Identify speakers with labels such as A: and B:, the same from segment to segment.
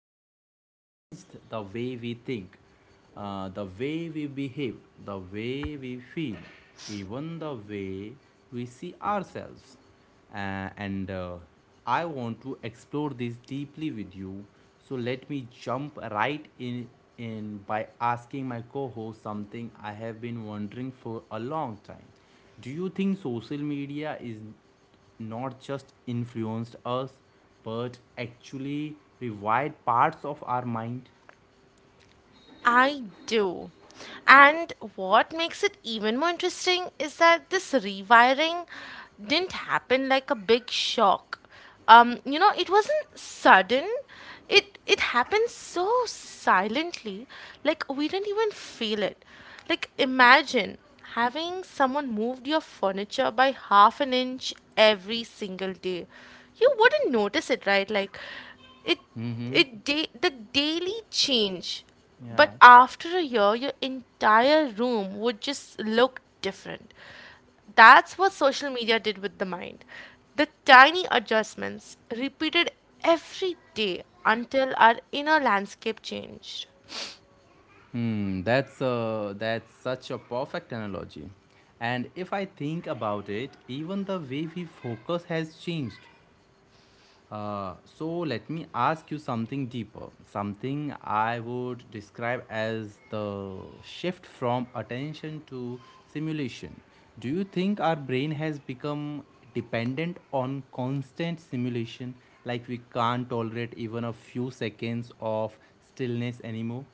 A: silently changed the way we think, the way we behave, the way we feel, even the way we see ourselves. And I want to explore this deeply with you. So let me jump right in by asking my co-host something I have been wondering for a long time. Do you think social media is not just influenced us but actually rewired parts of our mind?
B: I do. And what makes it even more interesting is that this rewiring didn't happen like a big shock. It wasn't sudden. It happened so silently, like we didn't even feel it. Like imagine having someone moved your furniture by half an inch every single day. You wouldn't notice it, right? Like it the daily change,
A: Yeah.
B: but after a year your entire room would just look different. That's what social media did with the mind, the tiny adjustments repeated every day until our inner landscape changed.
A: That's such a perfect analogy. And if I think about it, even the way we focus has changed. So let me ask you something deeper, something I would describe as the shift from attention to simulation. Do you think our brain has become dependent on constant simulation, like we can't tolerate even a few seconds of stillness anymore?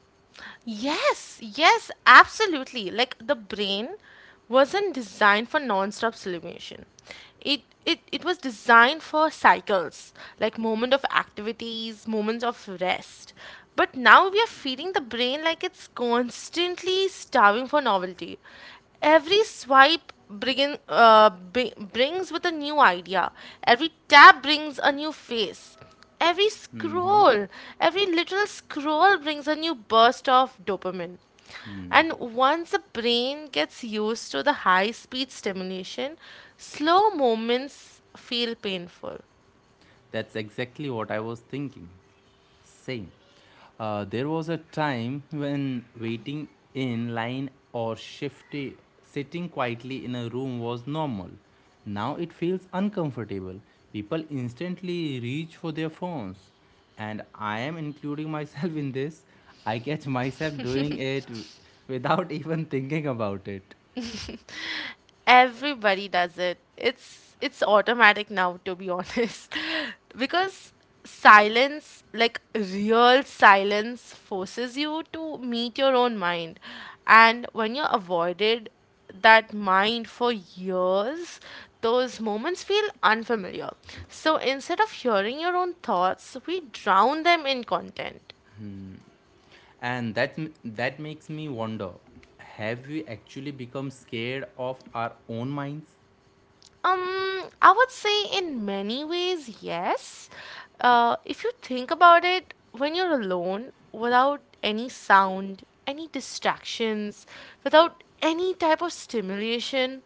B: Yes, yes, absolutely. Like the brain wasn't designed for non-stop stimulation. It was designed for cycles, like moment of activities, moments of rest. But now we are feeding the brain like it's constantly starving for novelty. Every swipe brings with a new idea. Every tap brings a new face. Every
A: Mm-hmm.
B: scroll, every little scroll brings a new burst of dopamine. And once the brain gets used to the high speed stimulation, slow moments feel painful.
A: That's exactly what I was thinking. Same. There was a time when waiting in line or shifty, sitting quietly in a room was normal. Now it feels uncomfortable. People instantly reach for their phones. And I am including myself in this. I catch myself doing it without even thinking about it.
B: Everybody does it. It's automatic now, to be honest. Because silence, like real silence, forces you to meet your own mind. And when you're avoided that mind for years, those moments feel unfamiliar. So instead of hearing your own thoughts, we drown them in content.
A: And that makes me wonder, have we actually become scared of our own minds?
B: Um, I would say in many ways, yes. If you think about it, when you're alone, without any sound, any distractions, without any type of stimulation,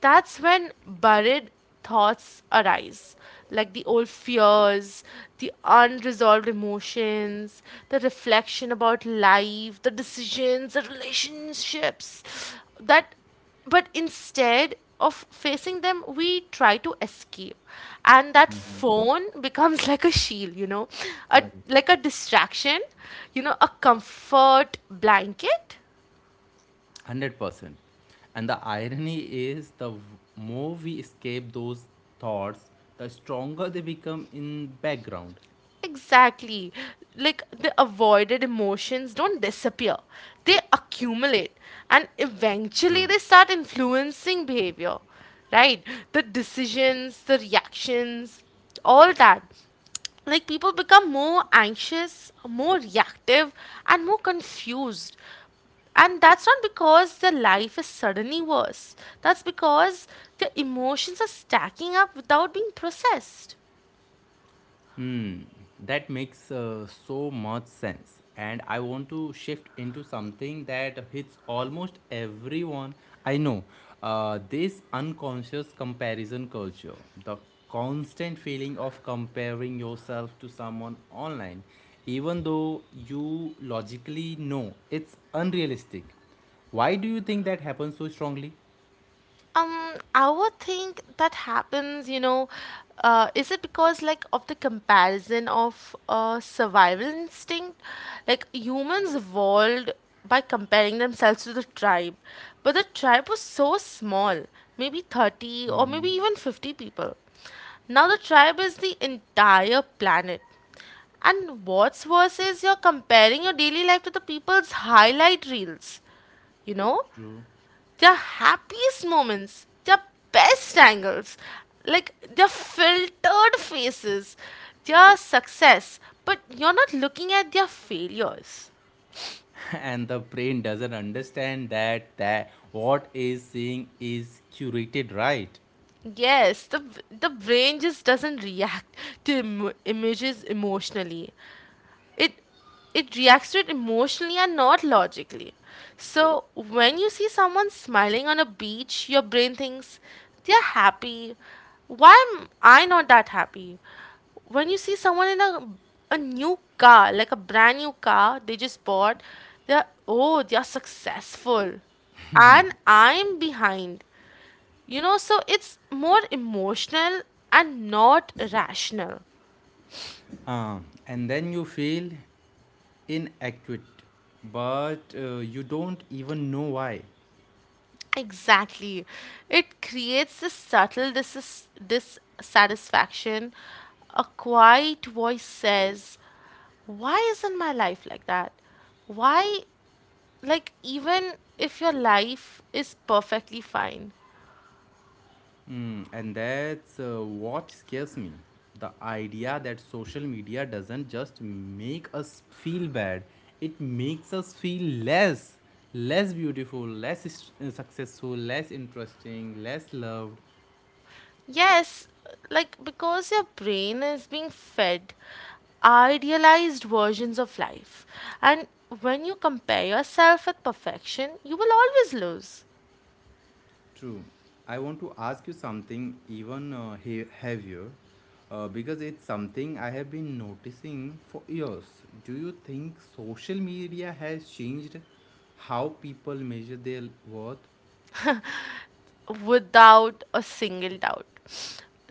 B: that's when buried thoughts arise. Like the old fears, the unresolved emotions, the reflection about life, the decisions, the relationships that but instead of facing them we try to escape, and that phone becomes like a shield, a
A: Correct.
B: like a distraction, a comfort blanket.
A: 100%. And the irony is the more we escape those thoughts, the stronger they become in background.
B: Exactly. Like the avoided emotions don't disappear, they accumulate and eventually
A: True.
B: they start influencing behavior, right? The decisions, the reactions, all that. Like people become more anxious, more reactive, and more confused. And that's not because their life is suddenly worse. That's because their emotions are stacking up without being processed.
A: That makes so much sense. And I want to shift into something that hits almost everyone I know, this unconscious comparison culture, the constant feeling of comparing yourself to someone online, even though you logically know it's unrealistic. Why do you think that happens so strongly?
B: I would think that happens, is it because like of the comparison of survival instinct? Like humans evolved by comparing themselves to the tribe, but the tribe was so small, maybe 30 or maybe even 50 people. Now the tribe is the entire planet. And what's worse is you're comparing your daily life to the people's highlight reels, you know?
A: True.
B: Their happiest moments, their best angles, like their filtered faces, their success, but you're not looking at their failures.
A: And the brain doesn't understand that what is seeing is curated, right?
B: Yes, the brain just doesn't react to images emotionally. it it reacts to it emotionally and not logically. So when you see someone smiling on a beach, your brain thinks, they're happy, why am I not that happy? When you see someone in a new car, like a brand new car they just bought, they're successful, and I'm behind, so it's more emotional and not rational.
A: Uh, and then you feel inadequate, but you don't even know why.
B: Exactly. It creates this subtle dissatisfaction. A quiet voice says, why isn't my life like that? Why, like, even if your life is perfectly fine?
A: And that's what scares me. The idea that social media doesn't just make us feel bad, it makes us feel less. Less beautiful, less successful, less interesting, less loved.
B: Yes, like, because your brain is being fed idealized versions of life. And when you compare yourself with perfection, you will always lose.
A: True. I want to ask you something even heavier because it's something I have been noticing for years. Do you think social media has changed how people measure their worth?
B: Without a single doubt.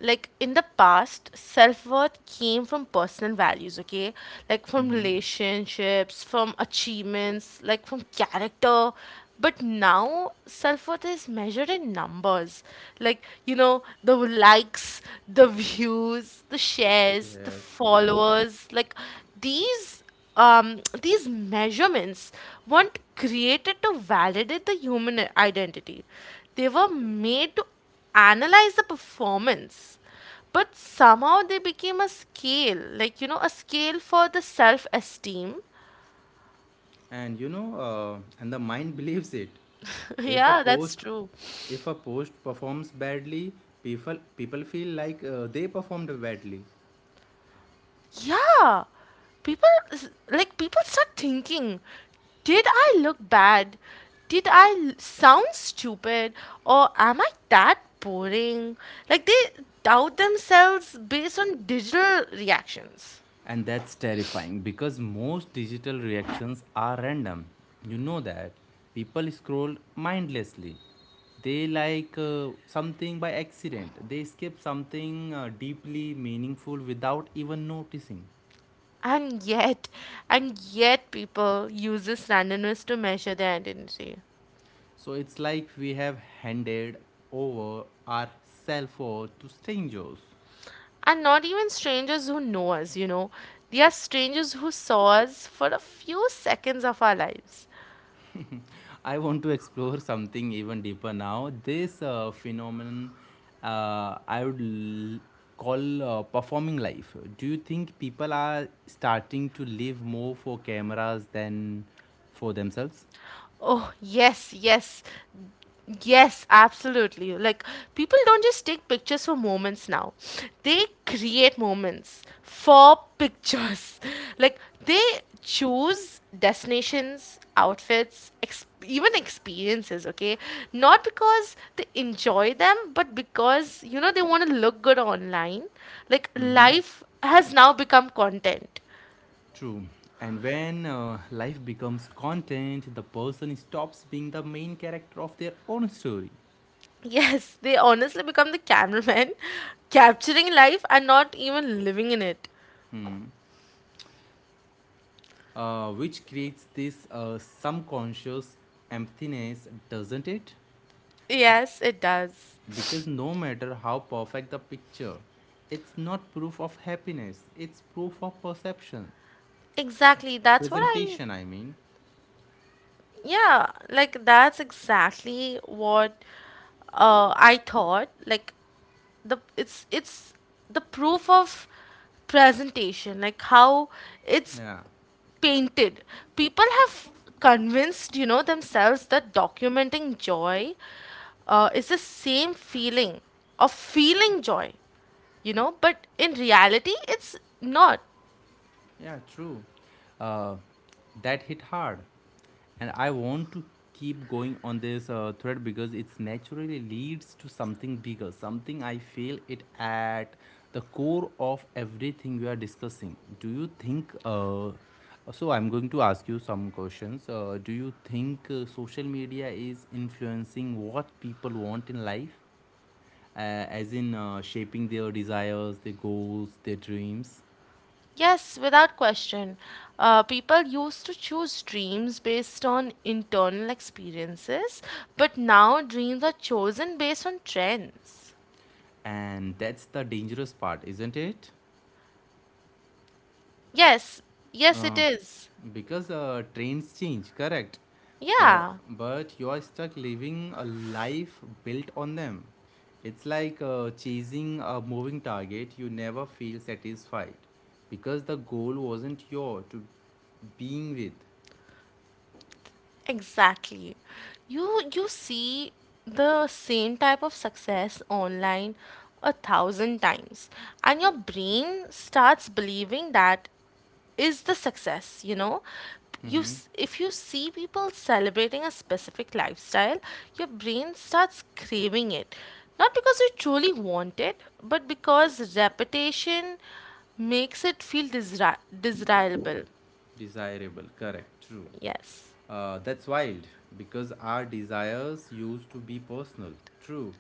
B: Like in the past, self worth came from personal values, okay? Like from relationships, from achievements, like from character. But now, self worth is measured in numbers. Like, the likes, the views, the shares, the
A: Yes, yeah.
B: followers. Like, these these measurements weren't created to validate the human identity. They were made to analyze the performance. But somehow they became a scale, like, a scale for the self esteem.
A: And the mind believes it. If a
B: Yeah, that's
A: post
B: true.
A: if a post performs badly, people feel like they performed badly.
B: Yeah, people people start thinking, did I look bad? Did I sound stupid? Or am I that boring? Like they doubt themselves based on digital reactions.
A: And that's terrifying because most digital reactions are random. You know that. People scroll mindlessly. They like something by accident. They skip something deeply meaningful without even noticing.
B: And yet, and yet people use this randomness to measure their identity.
A: So it's like we have handed over our cell phone to strangers.
B: And not even strangers who know us. They are strangers who saw us for a few seconds of our lives.
A: I want to explore something even deeper now. This phenomenon, I would call performing life. Do you think people are starting to live more for cameras than for themselves?
B: Oh, yes, yes. Yes, absolutely. Like, people don't just take pictures for moments now, they create moments for pictures. Like, they choose destinations, outfits, even experiences, okay? Not because they enjoy them, but because, they want to look good online. Like, life has now become content.
A: True. And when life becomes content, the person stops being the main character of their own story,
B: Yes, they honestly become the cameraman, capturing life and not even living in it.
A: which creates this subconscious emptiness, doesn't it?
B: Yes, it does.
A: Because no matter how perfect the picture, it's not proof of happiness, it's proof of perception.
B: Exactly.
A: Presentation, I mean.
B: Yeah, like that's exactly what I thought. Like the it's the proof of presentation, like how it's
A: Yeah,
B: painted. People have convinced themselves that documenting joy is the same feeling of feeling joy, but in reality it's not.
A: yeah, true. Uh, that hit hard. And I want to keep going on this thread because it's naturally leads to something bigger, something I feel it at the core of everything we are discussing. Do you think, so I'm going to ask you some questions. Do you think social media is influencing what people want in life, as in shaping their desires, their goals, their dreams?
B: Yes, without question. People used to choose dreams based on internal experiences, but now dreams are chosen based on trends.
A: And that's the dangerous part, isn't it?
B: Yes, yes, it
A: Uh,
B: is.
A: because trains change, correct? But
B: Yeah,
A: but you are stuck living a life built on them. It's like chasing a moving target. You never feel satisfied because the goal wasn't your to being with.
B: exactly. You see the same type of success online a thousand times, and your brain starts believing that is the success,
A: Mm-hmm.
B: if you see people celebrating a specific lifestyle, your brain starts craving it, not because you truly want it but because repetition makes it feel desirable.
A: Desirable, correct, true.
B: Yes.
A: That's wild because our desires used to be personal, true,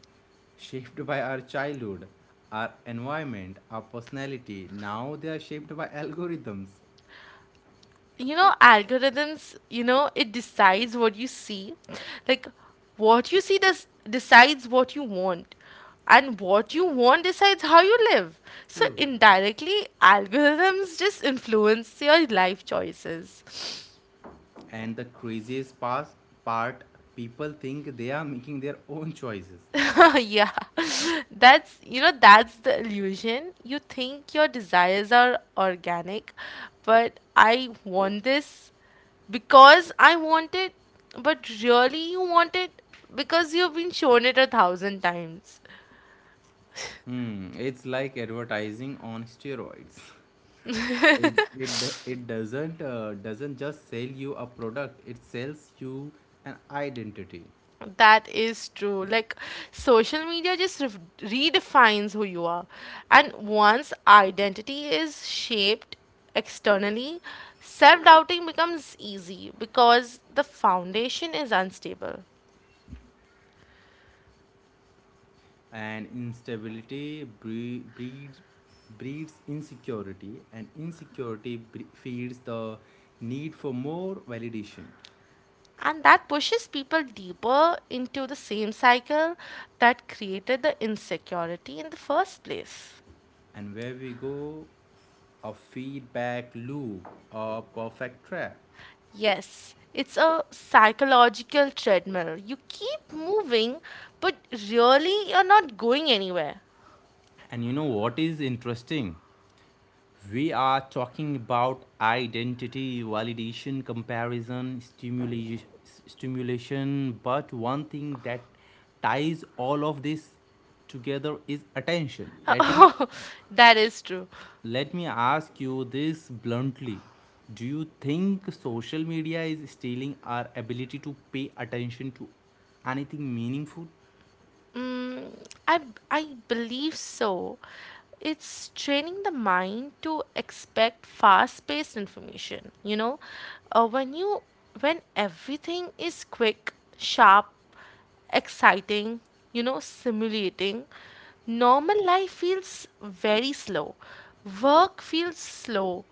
A: shaped by our childhood, our environment, our personality. Now they are shaped by algorithms.
B: Algorithms, it decides what you see, like what you see does decides what you want, and what you want decides how you live. So
A: True.
B: indirectly, algorithms just influence your life choices.
A: And the craziest part, people think they are making their own choices.
B: Yeah, that's the illusion. You think your desires are organic, but I want this because I want it, but really you want it because you've been shown it a thousand times.
A: It's like advertising on steroids. It doesn't just sell you a product, it sells you an identity.
B: That is true. Like, social media just ref redefines who you are. And once identity is shaped externally, self-doubting becomes easy because the foundation is unstable.
A: And instability breeds insecurity, and insecurity feeds the need for more validation.
B: And that pushes people deeper into the same cycle that created the insecurity in the first place.
A: And where we go, a feedback loop, a perfect trap.
B: Yes, it's a psychological treadmill. You keep moving, but really you're not going anywhere.
A: And you know what is interesting. We are talking about identity, validation, comparison, stimulation. But one thing that ties all of this together is attention. Let me
B: That is true.
A: let me ask you this bluntly. Do you think social media is stealing our ability to pay attention to anything meaningful?
B: Mm, I I believe so. It's training the mind to expect fast-paced information. Uh, when you when everything is quick, sharp, exciting, stimulating, normal life feels very slow. Work feels slow.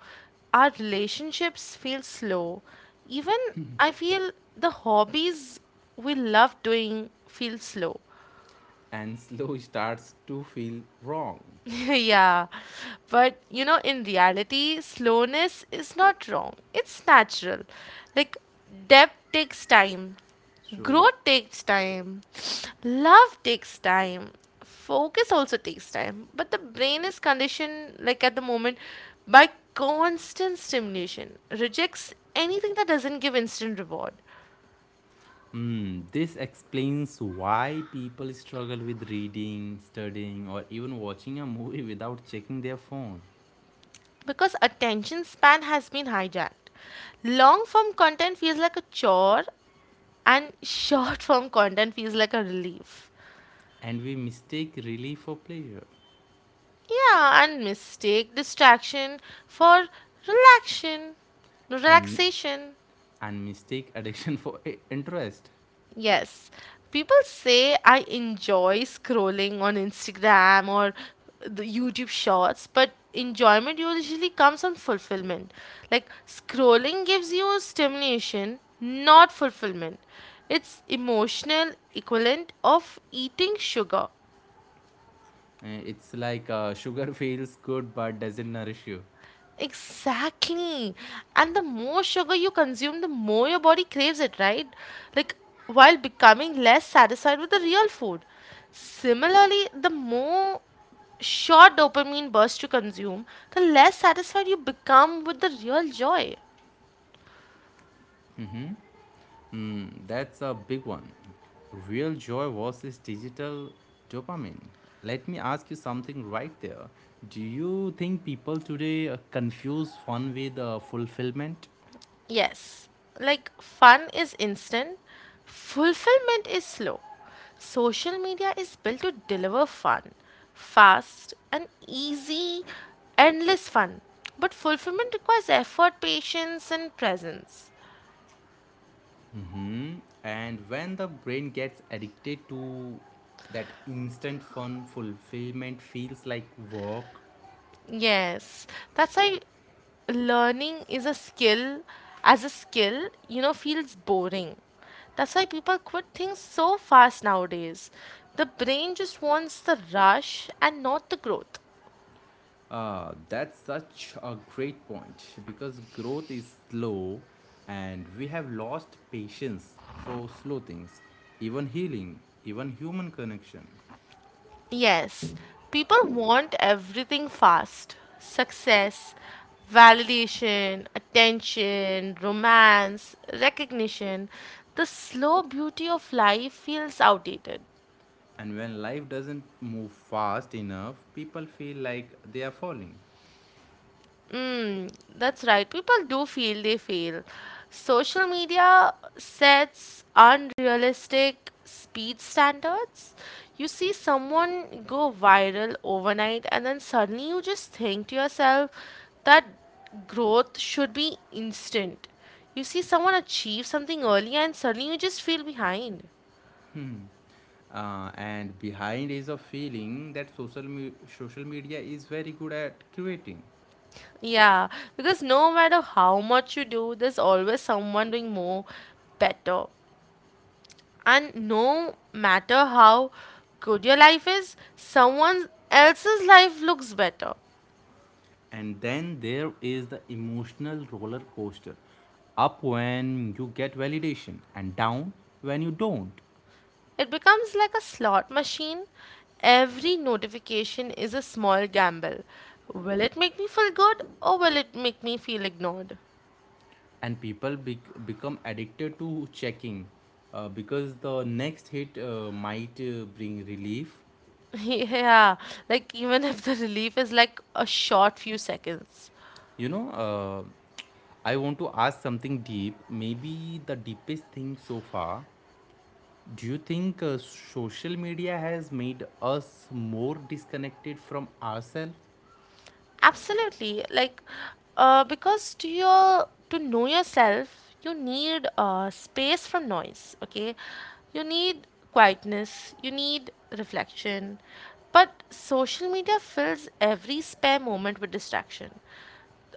B: Our relationships feel slow. Even I feel the hobbies we love doing feel slow.
A: And slow starts to feel wrong.
B: Yeah, but in reality, slowness is not wrong. It's natural. Like, depth takes time,
A: So,
B: growth takes time, love takes time, focus also takes time. But the brain is conditioned, like, at the moment by constant stimulation, rejects anything that doesn't give instant reward,
A: this explains why people struggle with reading, studying, or even watching a movie without checking their phone.
B: because attention span has been hijacked. Long form content feels like a chore and short form content feels like a relief.
A: And we mistake relief for pleasure,
B: Yeah, and mistake distraction for relaxation.
A: and,
B: Relaxation.
A: and mistake addiction for interest.
B: Yes. People say I enjoy scrolling on Instagram or the YouTube shorts, but enjoyment usually comes from fulfillment. Like scrolling gives you stimulation, not fulfillment. It's emotional equivalent of eating sugar.
A: It's like sugar feels good but doesn't nourish you.
B: Exactly. And the more sugar you consume, the more your body craves it, right? Like, while becoming less satisfied with the real food. Similarly, the more short dopamine burst you consume, the less satisfied you become with the real joy.
A: Mm-hmm. That's a big one. Real joy versus digital dopamine. Let me ask you something right there. Do you think people today confuse fun with fulfillment?
B: Yes, like fun is instant, fulfillment is slow. Social media is built to deliver fun, fast and easy, endless fun. But fulfillment requires effort, patience, and presence.
A: And when the brain gets addicted to that instant fun, fulfillment feels like work.
B: Yes, that's why learning as a skill feels boring. That's why people quit things so fast nowadays. The brain just wants the rush and not the growth.
A: Ah, that's such a great point because growth is slow and we have lost patience for slow things, even healing, even human connection.
B: Yes, people want everything fast: success, validation, attention, romance, recognition. The slow beauty of life feels outdated.
A: And when life doesn't move fast enough, people feel like they are falling.
B: That's right. People do feel they fail. Social media sets unrealistic speed standards. You see someone go viral overnight, and then suddenly you just think to yourself that growth should be instant. You see someone achieve something early, and suddenly you just feel behind.
A: And behind is a feeling that social media is very good at creating.
B: Yeah, because no matter how much you do, there's always someone doing more better. And no matter how good your life is, someone else's life looks better.
A: And then there is the emotional roller coaster. Up when you get validation, and down when you don't.
B: It becomes like a slot machine. Every notification is a small gamble. Will it make me feel good or will it make me feel ignored?
A: And people become addicted to checking, because the next hit might bring relief.
B: Yeah, like even if the relief is like a short few seconds.
A: You know, uh, I want to ask something deep, maybe the deepest thing so far. Do you think social media has made us more disconnected from ourselves?
B: Absolutely. Like, because to know yourself, you need space from noise. Okay, you need quietness. You need reflection. But social media fills every spare moment with distraction.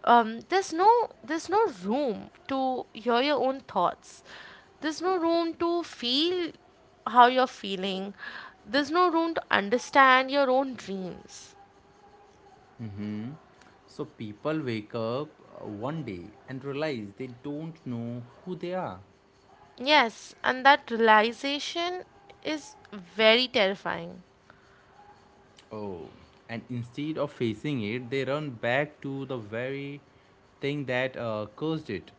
B: There's no room to hear your own thoughts. There's no room to feel how you're feeling. There's no room to understand your own dreams.
A: So people wake up one day and realize they don't know who they are.
B: Yes, and that realization is very terrifying.
A: Oh, and instead of facing it, they run back to the very thing that caused it.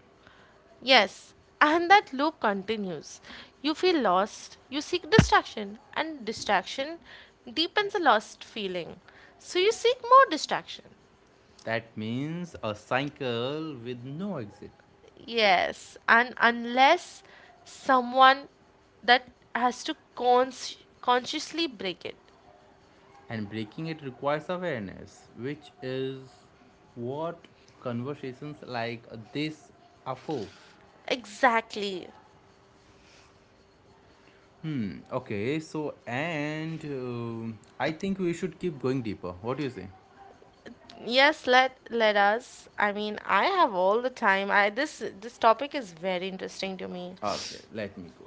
B: Yes, and that loop continues. You feel lost, you seek distraction, and distraction deepens the lost feeling. So you seek more distraction.
A: That means a cycle with no exit.
B: Yes, and unless someone that has to cons- consciously break it.
A: And breaking it requires awareness, which is what conversations like this are for.
B: Exactly.
A: Hmm. Okay. So, and I think we should keep going deeper. What do you say?
B: Yes, let us. I mean, I have all the time. I This topic is very interesting to me.
A: Okay, let me go.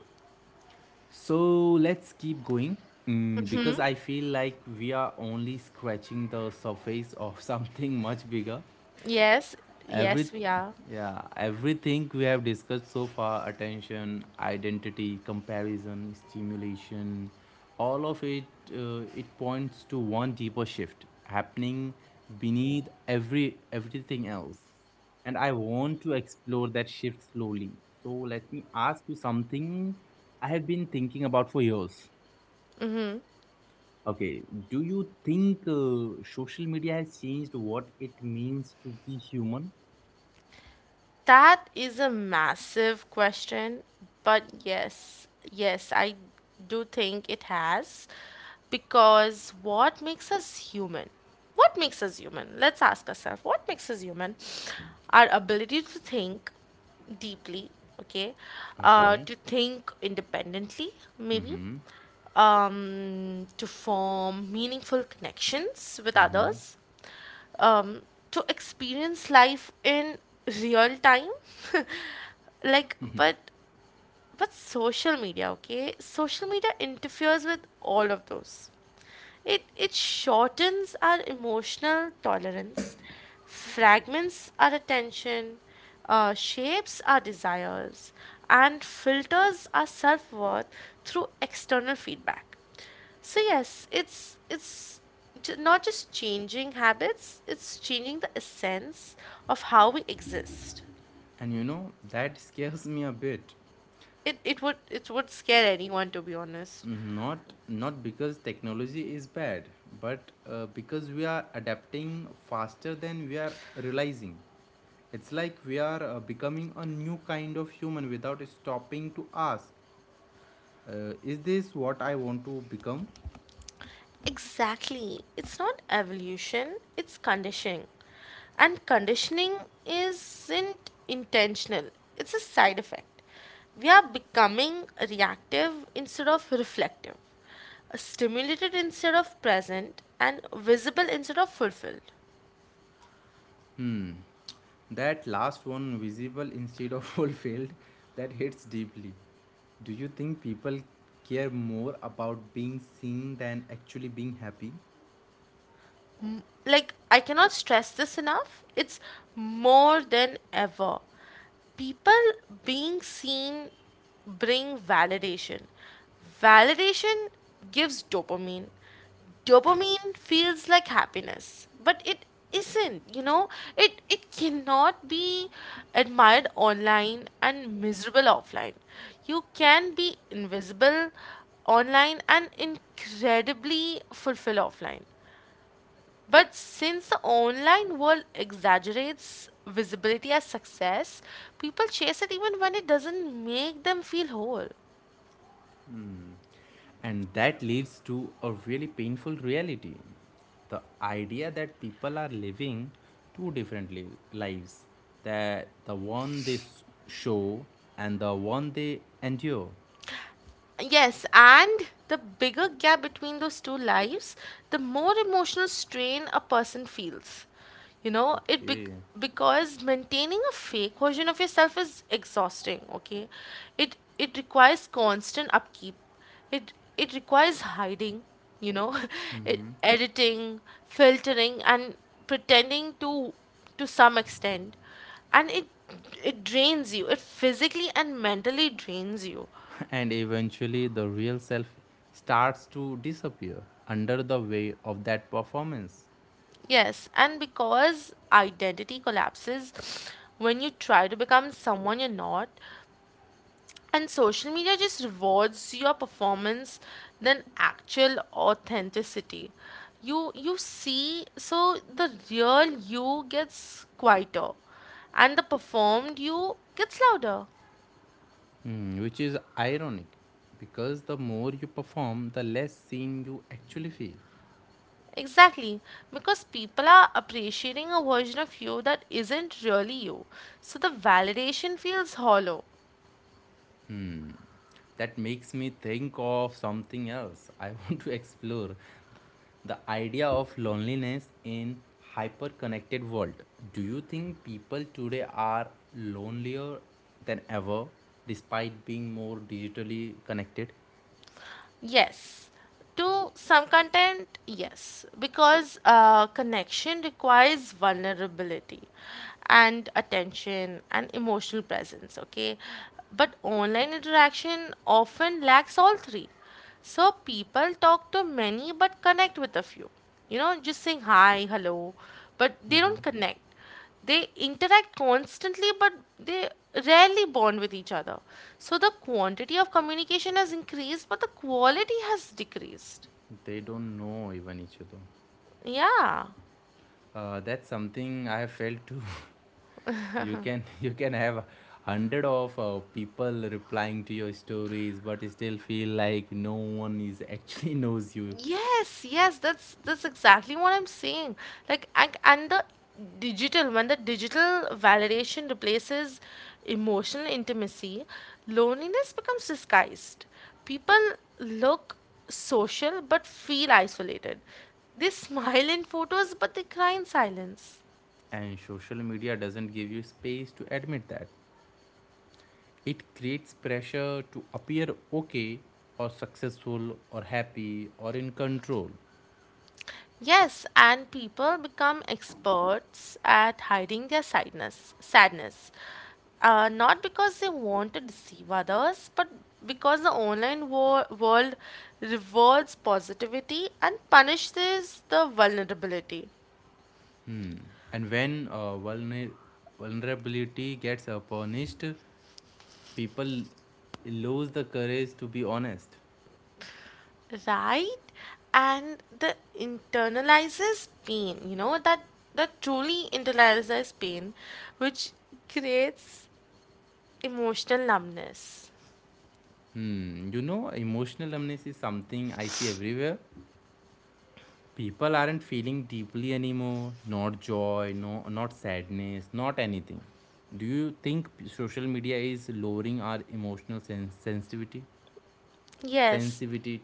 A: So let's keep going, because I feel like we are only scratching the surface of something much bigger.
B: Yes,
A: Every
B: yes, we are.
A: yeah, everything we have discussed so far, attention, identity, comparison, stimulation, all of it, it points to one deeper shift happening beneath everything else. And I want to explore that shift slowly. So let me ask you something I have been thinking about for years. Okay, do you think social media has changed what it means to be human?
B: That is a massive question, but yes, yes, I do think it has. Because what makes us human? What makes us human? Let's ask ourselves, what makes us human? Our ability to think deeply, okay?
A: Okay.
B: To think independently, maybe to form meaningful connections with others, um, to experience life in real time. Like, but social media, okay? Social media interferes with all of those. It shortens our emotional tolerance, fragments our attention, shapes our desires, and filters our self worth through external feedback. So yes, it's not just changing habits; it's changing the essence of how we exist.
A: And you know that scares me a bit,
B: It would scare anyone, to be honest.
A: not because technology is bad, but because we are adapting faster than we are realizing. It's like we are becoming a new kind of human without stopping to ask, is this what I want to become?
B: Exactly. It's not evolution, it's conditioning. And conditioning isn't intentional, it's a side effect. We are becoming reactive instead of reflective, stimulated instead of present, and visible instead of fulfilled.
A: Hmm that last one, visible instead of fulfilled, that hits deeply. Do you think people care more about being seen than actually being happy?
B: Like, I cannot stress this enough. It's more than ever. People being seen bring validation. Validation gives dopamine. Dopamine feels like happiness, but it isn't, you know? It cannot be admired online and miserable offline. You can be invisible online and incredibly fulfilled offline. But since the online world exaggerates visibility as success, people chase it even when it doesn't make them feel whole.
A: And that leads to a really painful reality. The idea that people are living two different lives, that the one they show and the one they endure.
B: Yes, and the bigger gap between those two lives, the more emotional strain a person feels. You know, it be-
A: Okay.
B: because maintaining a fake version of yourself is exhausting, okay? It requires constant upkeep. It requires hiding, you know, it, editing, filtering and pretending to some extent, and it drains you, it physically and mentally drains you.
A: And eventually, the real self starts to disappear under the weight of that performance.
B: Yes, and because identity collapses when you try to become someone you're not, and social media just rewards your performance than actual authenticity. You see, so the real you gets quieter, and the performed you gets louder.
A: Which is ironic because the more you perform, the less seen you actually feel.
B: Exactly, because people are appreciating a version of you that isn't really you. So the validation feels hollow.
A: That makes me think of something else. I want to explore the idea of loneliness in hyper-connected world. Do you think people today are lonelier than ever despite being more digitally connected?
B: Yes. To some content, yes, because connection requires vulnerability and attention and emotional presence, okay? But online interaction often lacks all three. So people talk to many but connect with a few. You know, just saying hi, hello, but they don't connect. They interact constantly, but they rarely bond with each other. So the quantity of communication has increased, but the quality has decreased.
A: They don't know even each other.
B: Yeah.
A: That's something I have felt too. You can have hundred of people replying to your stories, but still feel like no one is actually knows you.
B: Yes, yes, that's exactly what I'm saying. Like, and the when the digital validation replaces emotional intimacy, loneliness becomes disguised. People look social but feel isolated. They smile in photos but they cry in silence.
A: And social media doesn't give you space to admit that. It creates pressure to appear okay or successful or happy or in control.
B: Yes, and people become experts at hiding their sadness. Not because they want to deceive others, but because the online world rewards positivity and punishes the vulnerability,
A: And when vulnerability gets punished, people lose the courage to be honest.
B: right? And the internalizes pain, you know, that truly internalizes pain, which creates emotional numbness.
A: Emotional numbness is something I see everywhere. People aren't feeling deeply anymore, not joy, no, not sadness, not anything. Do you think social media is lowering our emotional sens sensitivity
B: Yes.
A: sensitivity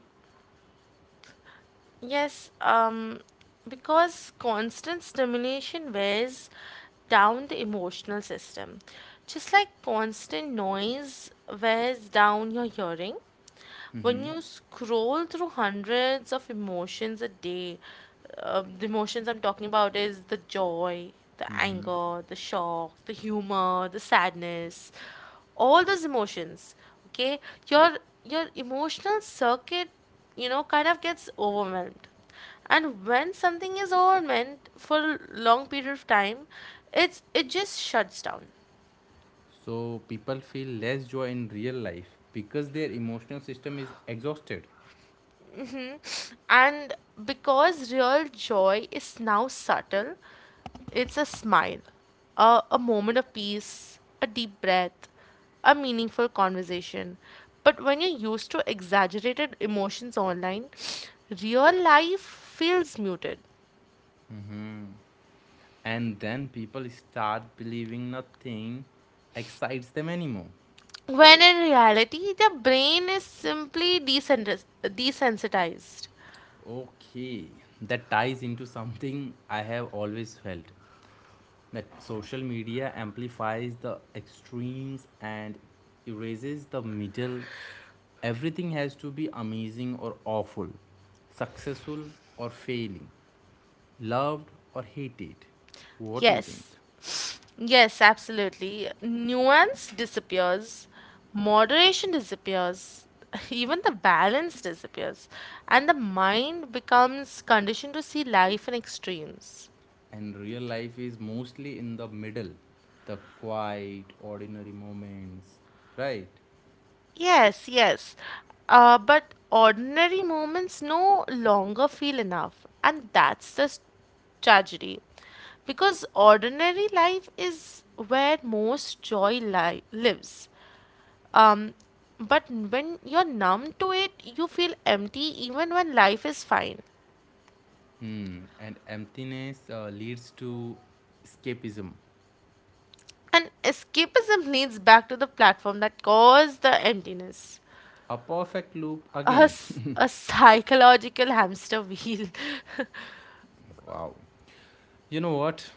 B: Yes, because constant stimulation wears down the emotional system, just like constant noise wears down your hearing. When
A: hmm
B: you scroll through hundreds of emotions a day, the emotions I'm talking about is the joy, the anger, the shock, the humor, the sadness, all those emotions. Okay, your your emotional circuit, you know, kind of gets overwhelmed. And when something is overwhelmed for a long period of time, it just shuts down.
A: so people feel less joy in real life because their emotional system is exhausted.
B: And because real joy is now subtle. It's a smile, a moment of peace, a deep breath, a meaningful conversation. But when you're used to exaggerated emotions online, real life feels muted.
A: And then people start believing nothing excites them anymore.
B: When in reality, the brain is simply desensitized.
A: Okay, that ties into something I have always felt, that social media amplifies the extremes and erases the middle. Everything has to be amazing or awful, successful or failing, loved or hated. What you think?
B: Yes. Yes, absolutely. Nuance disappears, moderation disappears, even the balance disappears, and the mind becomes conditioned to see life in extremes.
A: And real life is mostly in the middle, the quiet, ordinary moments, right?
B: Yes, yes. But ordinary moments no longer feel enough, and that's the tragedy. Because ordinary life is where most joy lives. But when you're numb to it, you feel empty even when life is fine.
A: Hmm. And emptiness leads to escapism.
B: And escapism leads back to the platform that caused the emptiness.
A: A perfect loop again.
B: Us, a psychological hamster wheel.
A: Wow. You know what?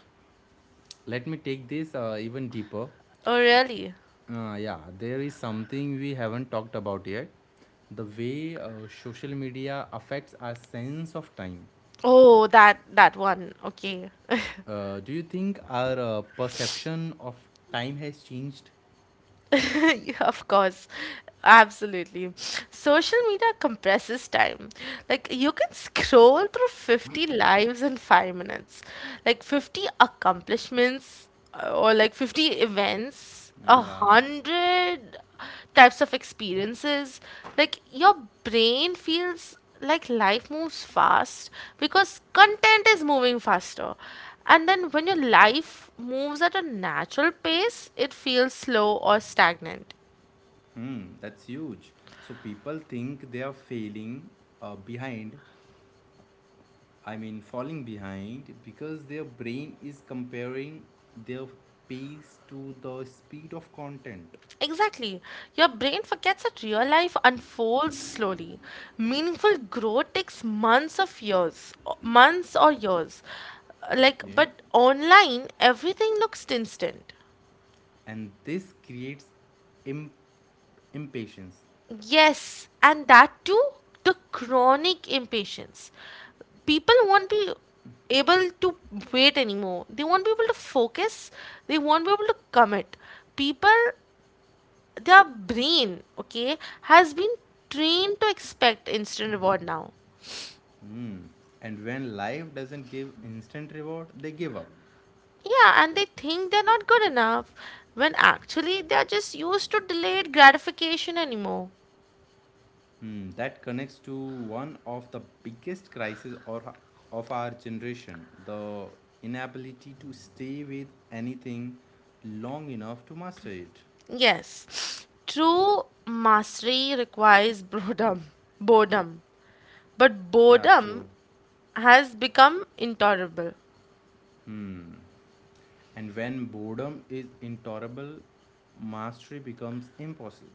A: Let me take this even deeper.
B: Oh, really?
A: Yeah, there is something we haven't talked about yet, the way social media affects our sense of time.
B: Oh, that one. Okay.
A: Do you think our perception of time has changed?
B: Of course, absolutely. Social media compresses time. Like, you can scroll through 50 lives in 5 minutes, like 50 accomplishments, or like 50 events, a
A: Yeah,
B: hundred types of experiences. Like, your brain feels like life moves fast because content is moving faster, and then when your life moves at a natural pace, it feels slow or stagnant.
A: hmm, that's huge. So people think they are failing behind, I mean, falling behind because their brain is comparing their pace to the speed of content.
B: Exactly. Your brain forgets that real life unfolds slowly. Meaningful growth takes months or years. Like,
A: Okay.
B: but online, everything looks instant.
A: And this creates imp- impatience.
B: Yes, and that too, the chronic impatience. People won't be able to wait anymore. They won't be able to focus. They won't be able to commit. People, their brain, okay, has been trained to expect instant reward now.
A: Hmm. And when life doesn't give instant reward, they give up.
B: Yeah, and they think they're not good enough when actually they're just used to delayed gratification anymore.
A: Hmm. That connects to one of the biggest crises or of our generation: the inability to stay with anything long enough to master it.
B: Yes, true mastery requires boredom. Boredom. But
A: Yeah, true.
B: boredom has become intolerable.
A: Hmm. And when boredom is intolerable, mastery becomes impossible.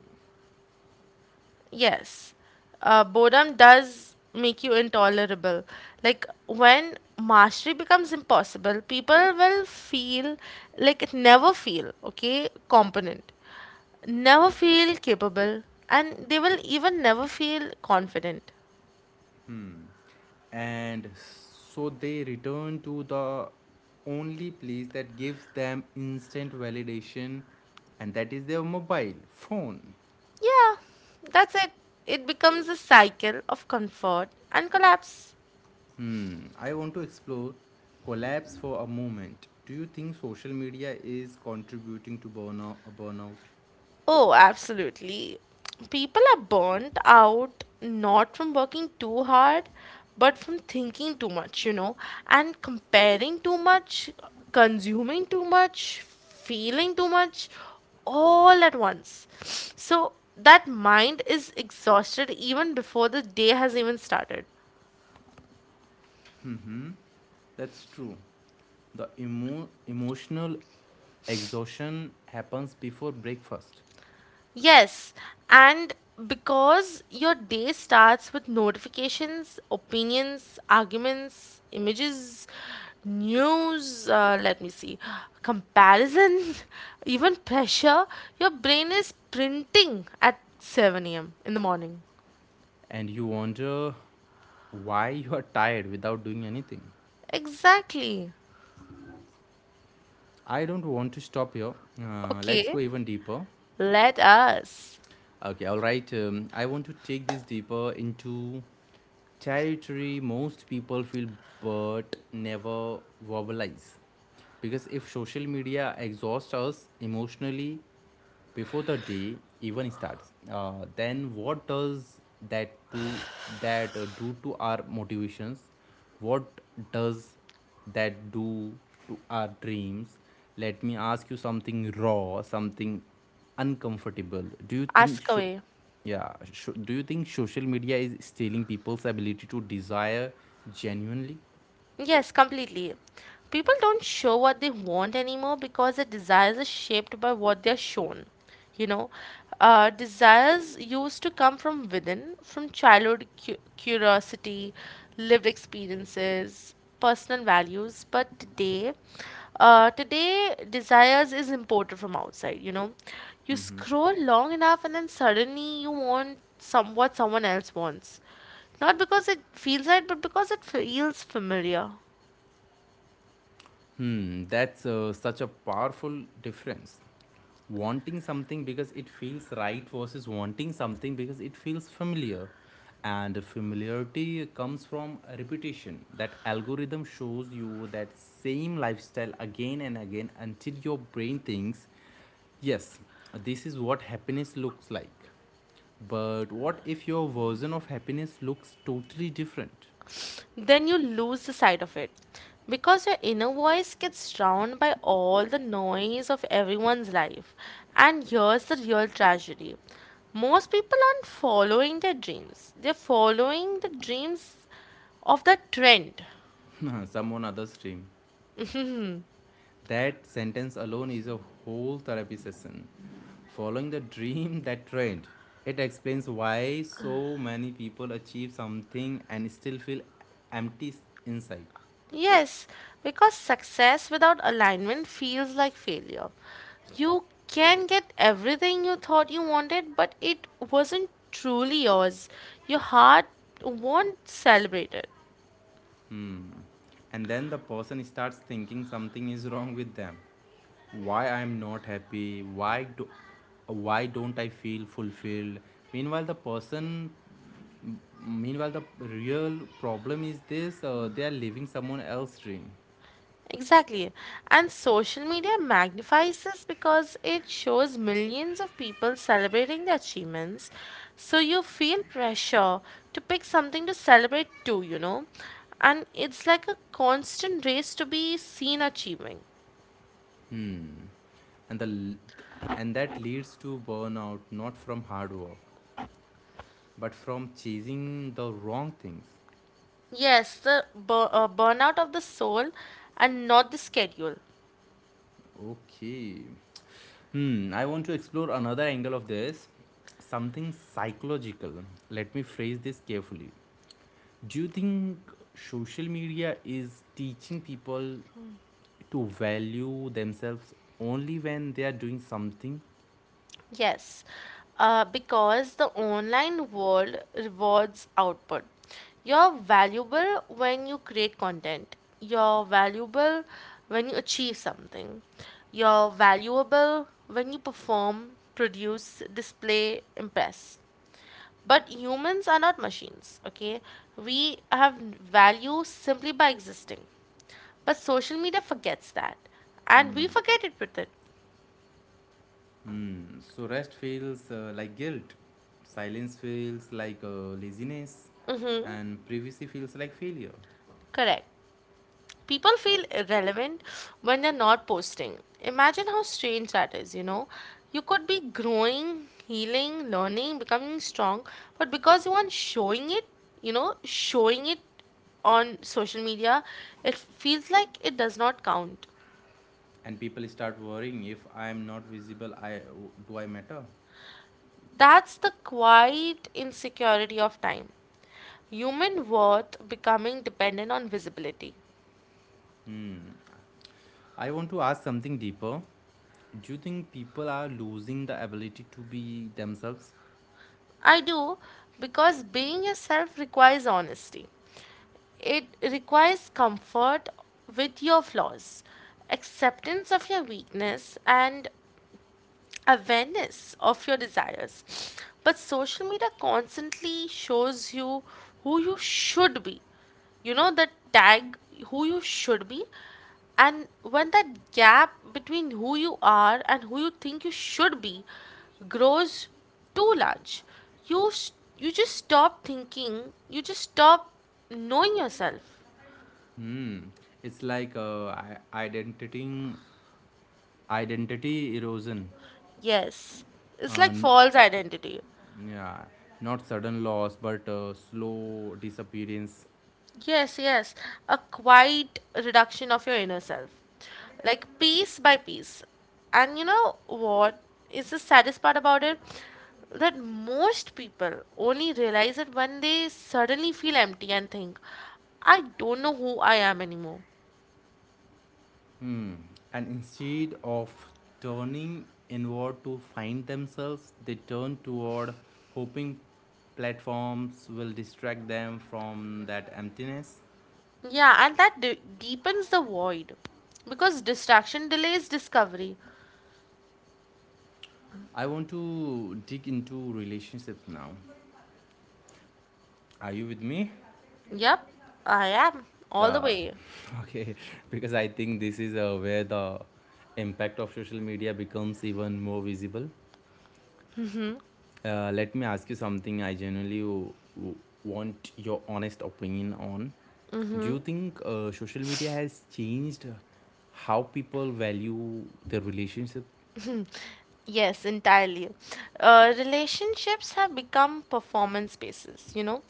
B: Yes, boredom does make you intolerable. Like, when mastery becomes impossible, people will feel like never feel okay, competent, never feel capable, and they will even never feel confident.
A: And so they return to the only place that gives them instant validation, and that is their mobile phone.
B: Yeah, that's it. It becomes a cycle of comfort and collapse.
A: Hmm, I want to explore collapse for a moment. Do you think social media is contributing to burnout?
B: Oh, absolutely. People are burnt out not from working too hard, but from thinking too much, you know, and comparing too much, consuming too much, feeling too much, all at once. So that mind is exhausted even before the day has even started.
A: Hmm, that's true. The emotional exhaustion happens before breakfast.
B: Yes, and because your day starts with notifications, opinions, arguments, images, news, comparison, even pressure, your brain is printing at 7 a.m. in the morning.
A: And you wonder why you are tired without doing anything.
B: Exactly.
A: I don't want to stop here. Let's
B: Okay,
A: go even deeper.
B: let us.
A: Okay, all right. I want to take this deeper into territory most people feel but never verbalize. Because if social media exhausts us emotionally before the day even starts, then what does that to that do to our motivations? What does that do to our dreams? Let me ask you something raw, something uncomfortable. Do you think
B: Ask away.
A: yeah, do you think social media is stealing people's ability to desire genuinely?
B: Yes, completely. People don't show what they want anymore because their desires are shaped by what they're shown. You know, desires used to come from within, from childhood curiosity, lived experiences, personal values. But today, today desires is imported from outside. You know, you scroll long enough and then suddenly you want some what someone else wants, not because it feels right, but because it feels familiar.
A: Hmm, that's such a powerful difference: wanting something because it feels right versus wanting something because it feels familiar. And familiarity comes from a repetition that algorithm shows you that same lifestyle again and again until your brain thinks, yes, this is what happiness looks like. But what if your version of happiness looks totally different?
B: Then you lose the sight of it. Because your inner voice gets drowned by all the noise of everyone's life. And here's the real tragedy, most people aren't following their dreams, they're following the dreams of the trend.
A: Someone other's dream. That sentence alone is a whole therapy session. Following the dream that trend. It explains why so many people achieve something and still feel empty inside.
B: Yes, because success without alignment feels like failure. You can get everything you thought you wanted, but it wasn't truly yours. Your heart won't celebrate it.
A: And then the person starts thinking something is wrong with them. Why I'm not happy? Why don't I feel fulfilled? Meanwhile, the person Meanwhile, the real problem is this: they are living someone else's dream.
B: Exactly. And social media magnifies this because it shows millions of people celebrating their achievements. So you feel pressure to pick something to celebrate too, you know? And it's like a constant race to be seen achieving.
A: And the and that leads to burnout, not from hard work, but from chasing the wrong things.
B: Yes, the burnout of the soul and not the schedule.
A: Okay. Hmm. I want to explore another angle of this, something psychological. Let me phrase this carefully. Do you think social media is teaching people to value themselves only when they are doing something?
B: Yes, because the online world rewards output. You're valuable when you create content, you're valuable when you achieve something, you're valuable when you perform, produce, display, impress. But humans are not machines, okay? We have value simply by existing. But social media forgets that, and we forget it with it.
A: Hmm. So rest feels like guilt, silence feels like laziness,
B: Mm-hmm.
A: and privacy feels like failure.
B: Correct. People feel irrelevant when they're not posting. Imagine how strange that is, you know? You could be growing, healing, learning, becoming strong, but because you aren't showing it, you know, showing it on social media, it feels like it does not count.
A: And people start worrying, if I am not visible, I do I matter?
B: That's the quiet insecurity of time. Human worth becoming dependent on visibility.
A: I want to ask something deeper. Do you think people are losing the ability to be themselves?
B: I do, because being yourself requires honesty. It requires comfort with your flaws, acceptance of your weakness, and awareness of your desires. But social media constantly shows you who you should be. You know, the tag, who you should be. And when that gap between who you are and who you think you should be grows too large, you, you just stop thinking, you just stop knowing yourself.
A: Hmm. It's like identity erosion.
B: Yes, it's
A: Uh,
B: like
A: n-
B: false identity.
A: yeah, not sudden loss, but slow disappearance.
B: Yes, yes, a quiet reduction of your inner self, like piece by piece. And you know what is the saddest part about it? That most people only realize it when they suddenly feel empty and think, I don't know who I am anymore.
A: Hmm. And instead of turning inward to find themselves, they turn toward hoping platforms will distract them from that emptiness.
B: Yeah, and that deepens the void because distraction delays discovery.
A: I want to dig into relationships now. Are you with me?
B: Yep, I am all the
A: Uh,
B: way.
A: okay, because I think this is where the impact of social media becomes even more visible. Let me ask you something I genuinely want your honest opinion on. Do you think social media has changed how people value their relationship?
B: Yes, entirely. Relationships have become performance bases, you know.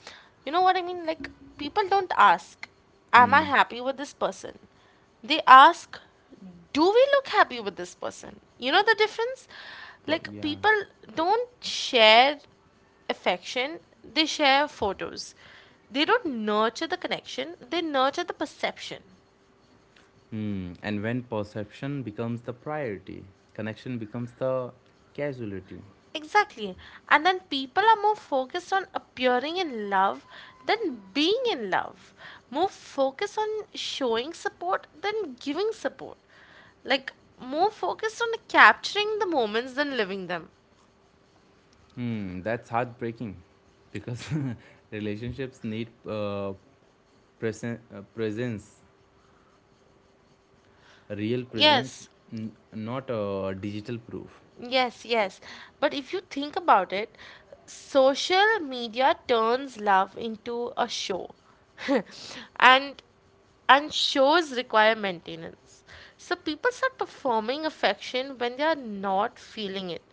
B: You know what I mean? Like, people don't ask, am I
A: Hmm.
B: happy with this person? They ask, do we look happy with this person? You know the difference? Like,
A: Yeah.
B: people don't share affection, they share photos. They don't nurture the connection, they nurture the perception.
A: Hmm. And when perception becomes the priority, connection becomes the casualty.
B: Exactly. And then people are more focused on appearing in love than being in love. More focused on showing support than giving support. Like, more focused on capturing the moments than living them.
A: Hmm. That's heartbreaking because relationships need presence, real presence,
B: Yes.
A: not digital proof.
B: Yes, yes. But if you think about it, social media turns love into a show. and and shows require maintenance. So people start performing affection when they are not feeling it.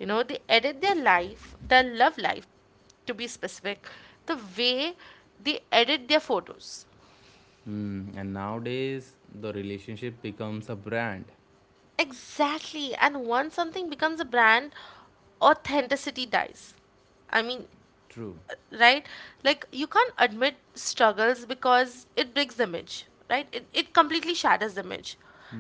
B: You know, they edit their life, their love life to be specific, the way they edit their photos.
A: Hmm. And nowadays, the relationship becomes a brand.
B: Exactly. And once something becomes a brand, authenticity dies. I mean,
A: True.
B: right, like you can't admit struggles because it breaks the image, right, it completely shatters the image,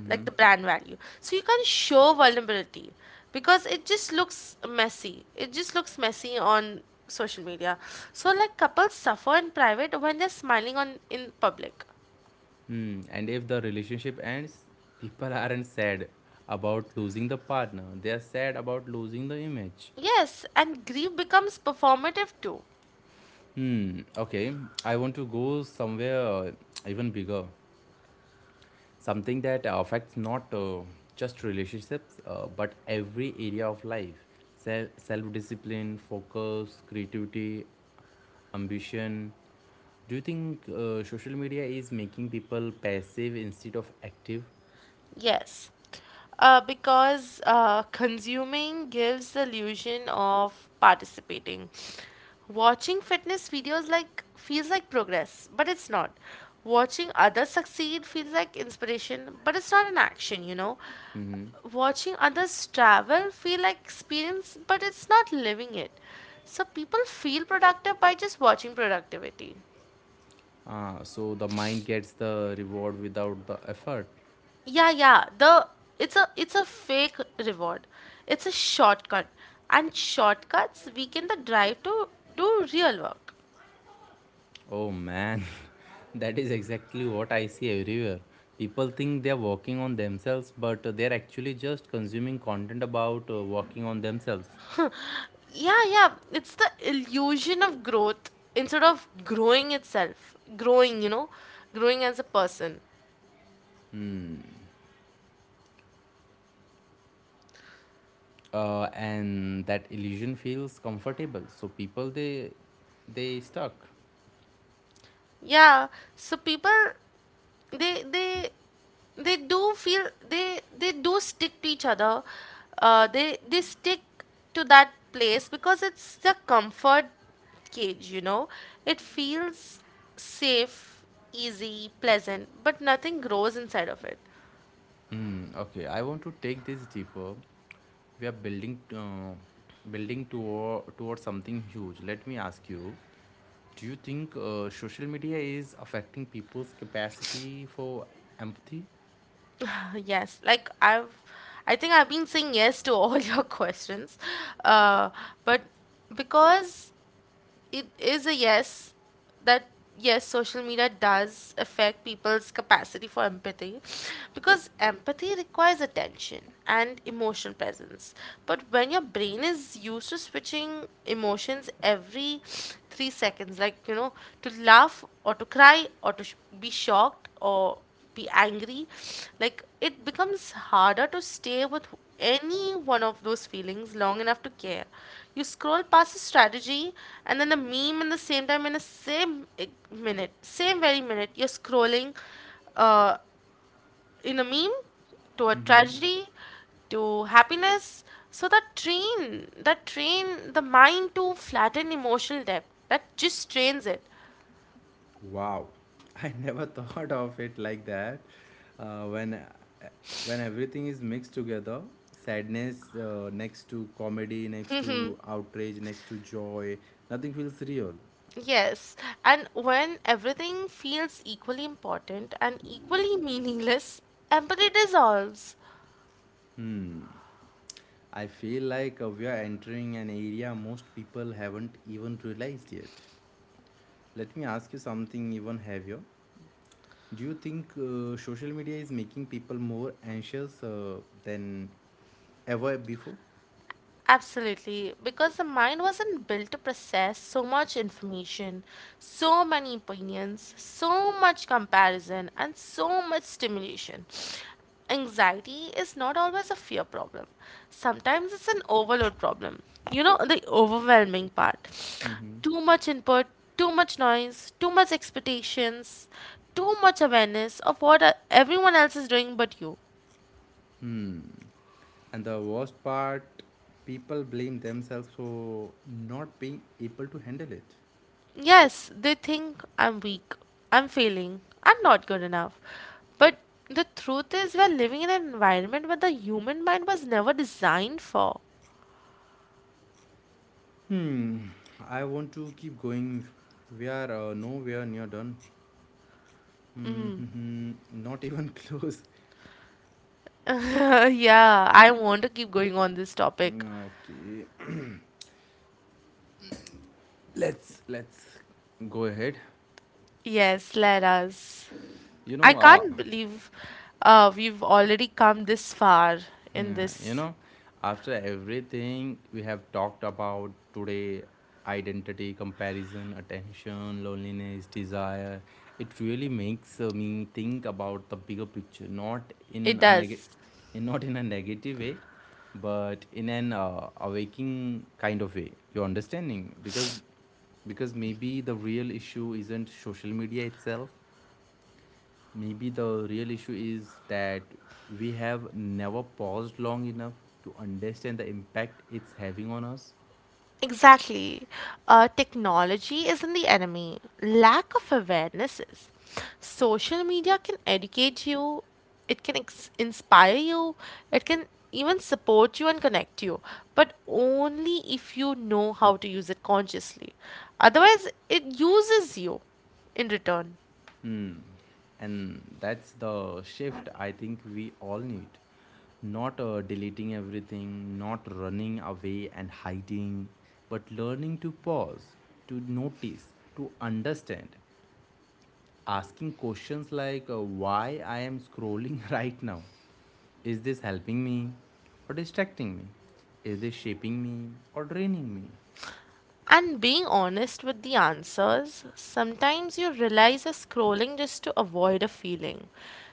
B: like the brand value, so you can't show vulnerability because it just looks messy on social media. So like couples suffer in private when they're smiling on in public.
A: Hmm. And if the relationship ends, people aren't sad about losing the partner. They are sad about losing the image.
B: Yes, and grief becomes performative too.
A: Hmm. Okay. I want to go somewhere even bigger. Something that affects not just relationships, but every area of life. Self discipline, focus, creativity, ambition. Do you think social media is making people passive instead of active?
B: Yes, because consuming gives the illusion of participating. Watching fitness videos like feels like progress, but it's not. Watching others succeed feels like inspiration, but it's not an action, you know. Watching others travel feel like experience, but it's not living it. So people feel productive by just watching productivity.
A: So the mind gets the reward without the effort.
B: Yeah, yeah. The it's a fake reward. It's a shortcut. And shortcuts weaken the drive to do real work.
A: Oh man, that is exactly what I see everywhere. People think they are working on themselves, but they are actually just consuming content about working on themselves.
B: Yeah, yeah. It's the illusion of growth instead of growing itself. Growing, you know, growing as a person.
A: And that illusion feels comfortable. So people, they stuck.
B: Yeah. So people they they they do feel, they do stick to each other. They stick to that place because it's the comfort cage, you know. It feels safe, easy, pleasant, but nothing grows inside of it.
A: Mm, okay, I want to take this deeper. We are building toward towards something huge. Let me ask you: do you think social media is affecting people's capacity for empathy?
B: Yes, like I think I've been saying yes to all your questions, uh, but because it is a yes. that Yes, social media does affect people's capacity for empathy, because empathy requires attention and emotional presence. But when your brain is used to switching emotions every 3 seconds, like, you know, to laugh or to cry or to be shocked or be angry, like it becomes harder to stay with any one of those feelings long enough to care. You scroll past the strategy and then the meme in the same time, in the same minute, same very minute, you're scrolling uh, in a meme to a tragedy to happiness. So that train the mind to flatten emotional depth. That just trains it.
A: Wow, I never thought of it like that. Uh, when everything is mixed together, sadness next to comedy, next to outrage, next to joy, nothing feels real.
B: Yes, and when everything feels equally important and equally meaningless, empathy dissolves.
A: Hmm. I feel like we are entering an area most people haven't even realized yet. Let me ask you something even heavier. Do you think social media is making people more anxious than ever before?
B: Absolutely, because the mind wasn't built to process so much information, so many opinions, so much comparison, and so much stimulation. Anxiety is not always a fear problem. Sometimes it's an overload problem. You know, the overwhelming part.
A: Mm-hmm.
B: Too much input, too much noise, too much expectations, too much awareness of what everyone else is doing but you.
A: Hmm. And the worst part, people blame themselves for not being able to handle it.
B: Yes, they think I'm weak, I'm failing, I'm not good enough. But the truth is, we're living in an environment where the human mind was never designed for.
A: Hmm. I want to keep going. We are nowhere near done. Hmm. Not even close.
B: Yeah, I want to keep going on this topic.
A: Okay. Let's go ahead.
B: Yes, let us.
A: you
B: I
A: know uh,
B: can't believe we've already come this far in
A: yeah, you
B: this.
A: know, after everything we have talked about today, identity, comparison, attention, loneliness, desire, it really makes me think about the bigger picture, not
B: It
A: in a negative,
B: does.
A: not in a negative way, but in an awaking kind of way, you're understanding. Because maybe the real issue isn't social media itself. Maybe the real issue is that we have never paused long enough to understand the impact it's having on us.
B: Exactly. Technology isn't the enemy. Lack of awareness is. Social media can educate you, it can inspire you, it can even support you and connect you, but only if you know how to use it consciously. Otherwise, it uses you in return.
A: Hmm. And that's the shift I think we all need. Not deleting everything, not running away and hiding, but learning to pause, to notice, to understand. Asking questions like, why I am scrolling right now? Is this helping me or distracting me? Is this shaping me or draining me?
B: And being honest with the answers, sometimes you realize you're scrolling just to avoid a feeling.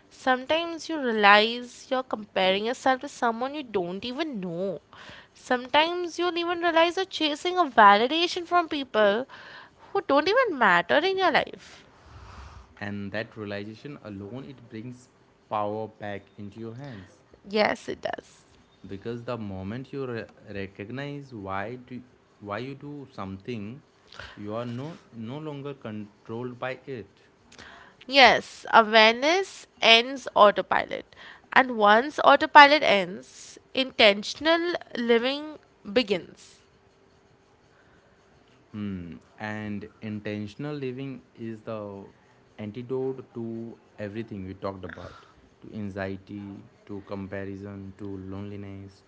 B: Sometimes you realize you're comparing yourself to someone you don't even know. Sometimes you'll even realize you're chasing a validation from people who don't even matter in your life.
A: And that realization alone, it brings power back into your hands,
B: Yes, it does.
A: because the moment you recognize why you do something, you are no longer controlled by it.
B: Yes, awareness ends autopilot. And once autopilot ends, intentional living begins.
A: Hmm. And intentional living is the antidote to everything we talked about: to anxiety, to comparison, to loneliness,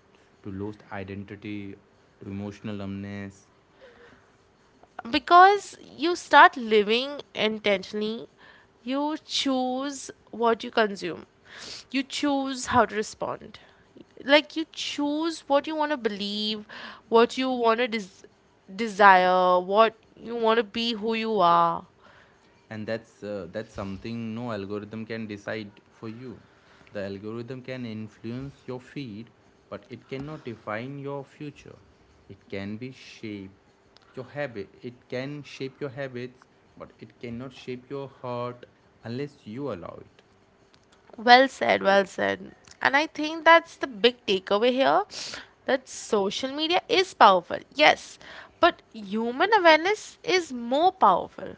A: to lost identity, to emotional numbness.
B: Because you start living intentionally, you choose what you consume, you choose how to respond, like you choose what you want to believe, what you want to desire, what you want to be, who you are.
A: And that's something no algorithm can decide for you. The algorithm can influence your feed, but it cannot define your future. It can shape your habits, but it cannot shape your heart unless you allow it.
B: Well said, well said. And I think that's the big takeaway here, that social media is powerful, yes, but human awareness is more powerful.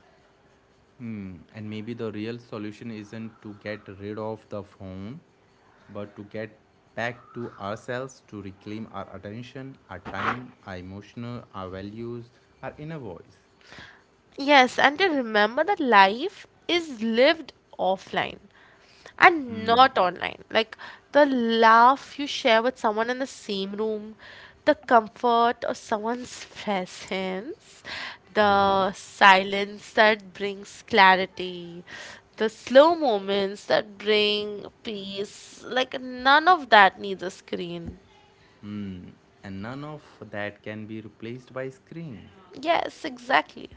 A: Hmm. And maybe the real solution isn't to get rid of the phone, but to get back to ourselves, to reclaim our attention, our time, our emotional, our values, our inner voice.
B: Yes, and to remember that life is lived offline and not online. Like the laugh you share with someone in the same room, the comfort of someone's presence, the silence that brings clarity, the slow moments that bring peace. Like none of that needs a screen.
A: And none of that can be replaced by screen.
B: Yes, exactly.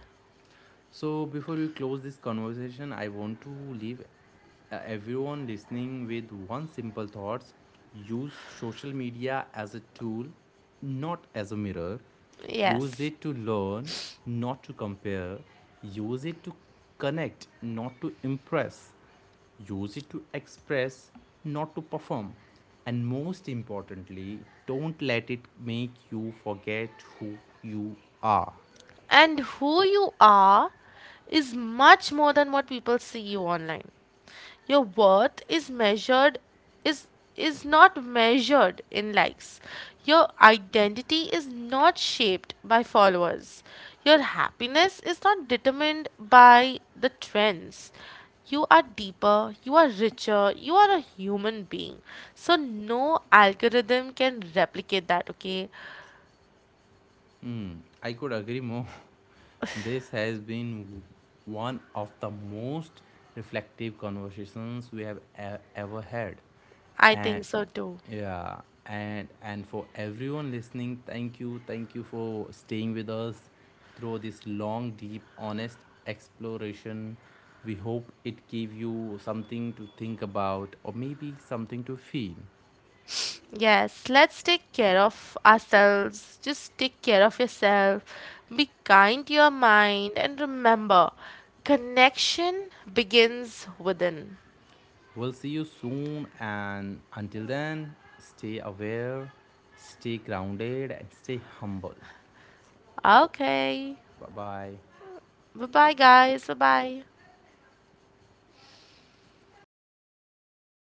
A: So, before we close this conversation, I want to leave everyone listening with one simple thoughts: use social media as a tool, not as a mirror. Use
B: Yes.
A: it to learn, not to compare. Use it to connect, not to impress. Use it to express, not to perform. And most importantly, don't let it make you forget who you are.
B: And who you are is much more than what people see you online. Your worth is measured, is is not measured in likes. Your identity is not shaped by followers. Your happiness is not determined by the trends. You are deeper, you are richer, you are a human being. So no algorithm can replicate that. Okay.
A: Mm, I could agree more. This has been one of the most reflective conversations we have ever had.
B: I
A: And
B: think so too.
A: yeah, and for everyone listening, thank you for staying with us through this long, deep, honest exploration. We hope it gave you something to think about or maybe something to feel.
B: Yes, let's take care of ourselves. Just take care of yourself. Be kind to your mind. And remember, connection begins within.
A: We'll see you soon, and until then, stay aware, stay grounded, and stay humble.
B: Okay.
A: Bye bye.
B: Bye bye, guys. Bye bye.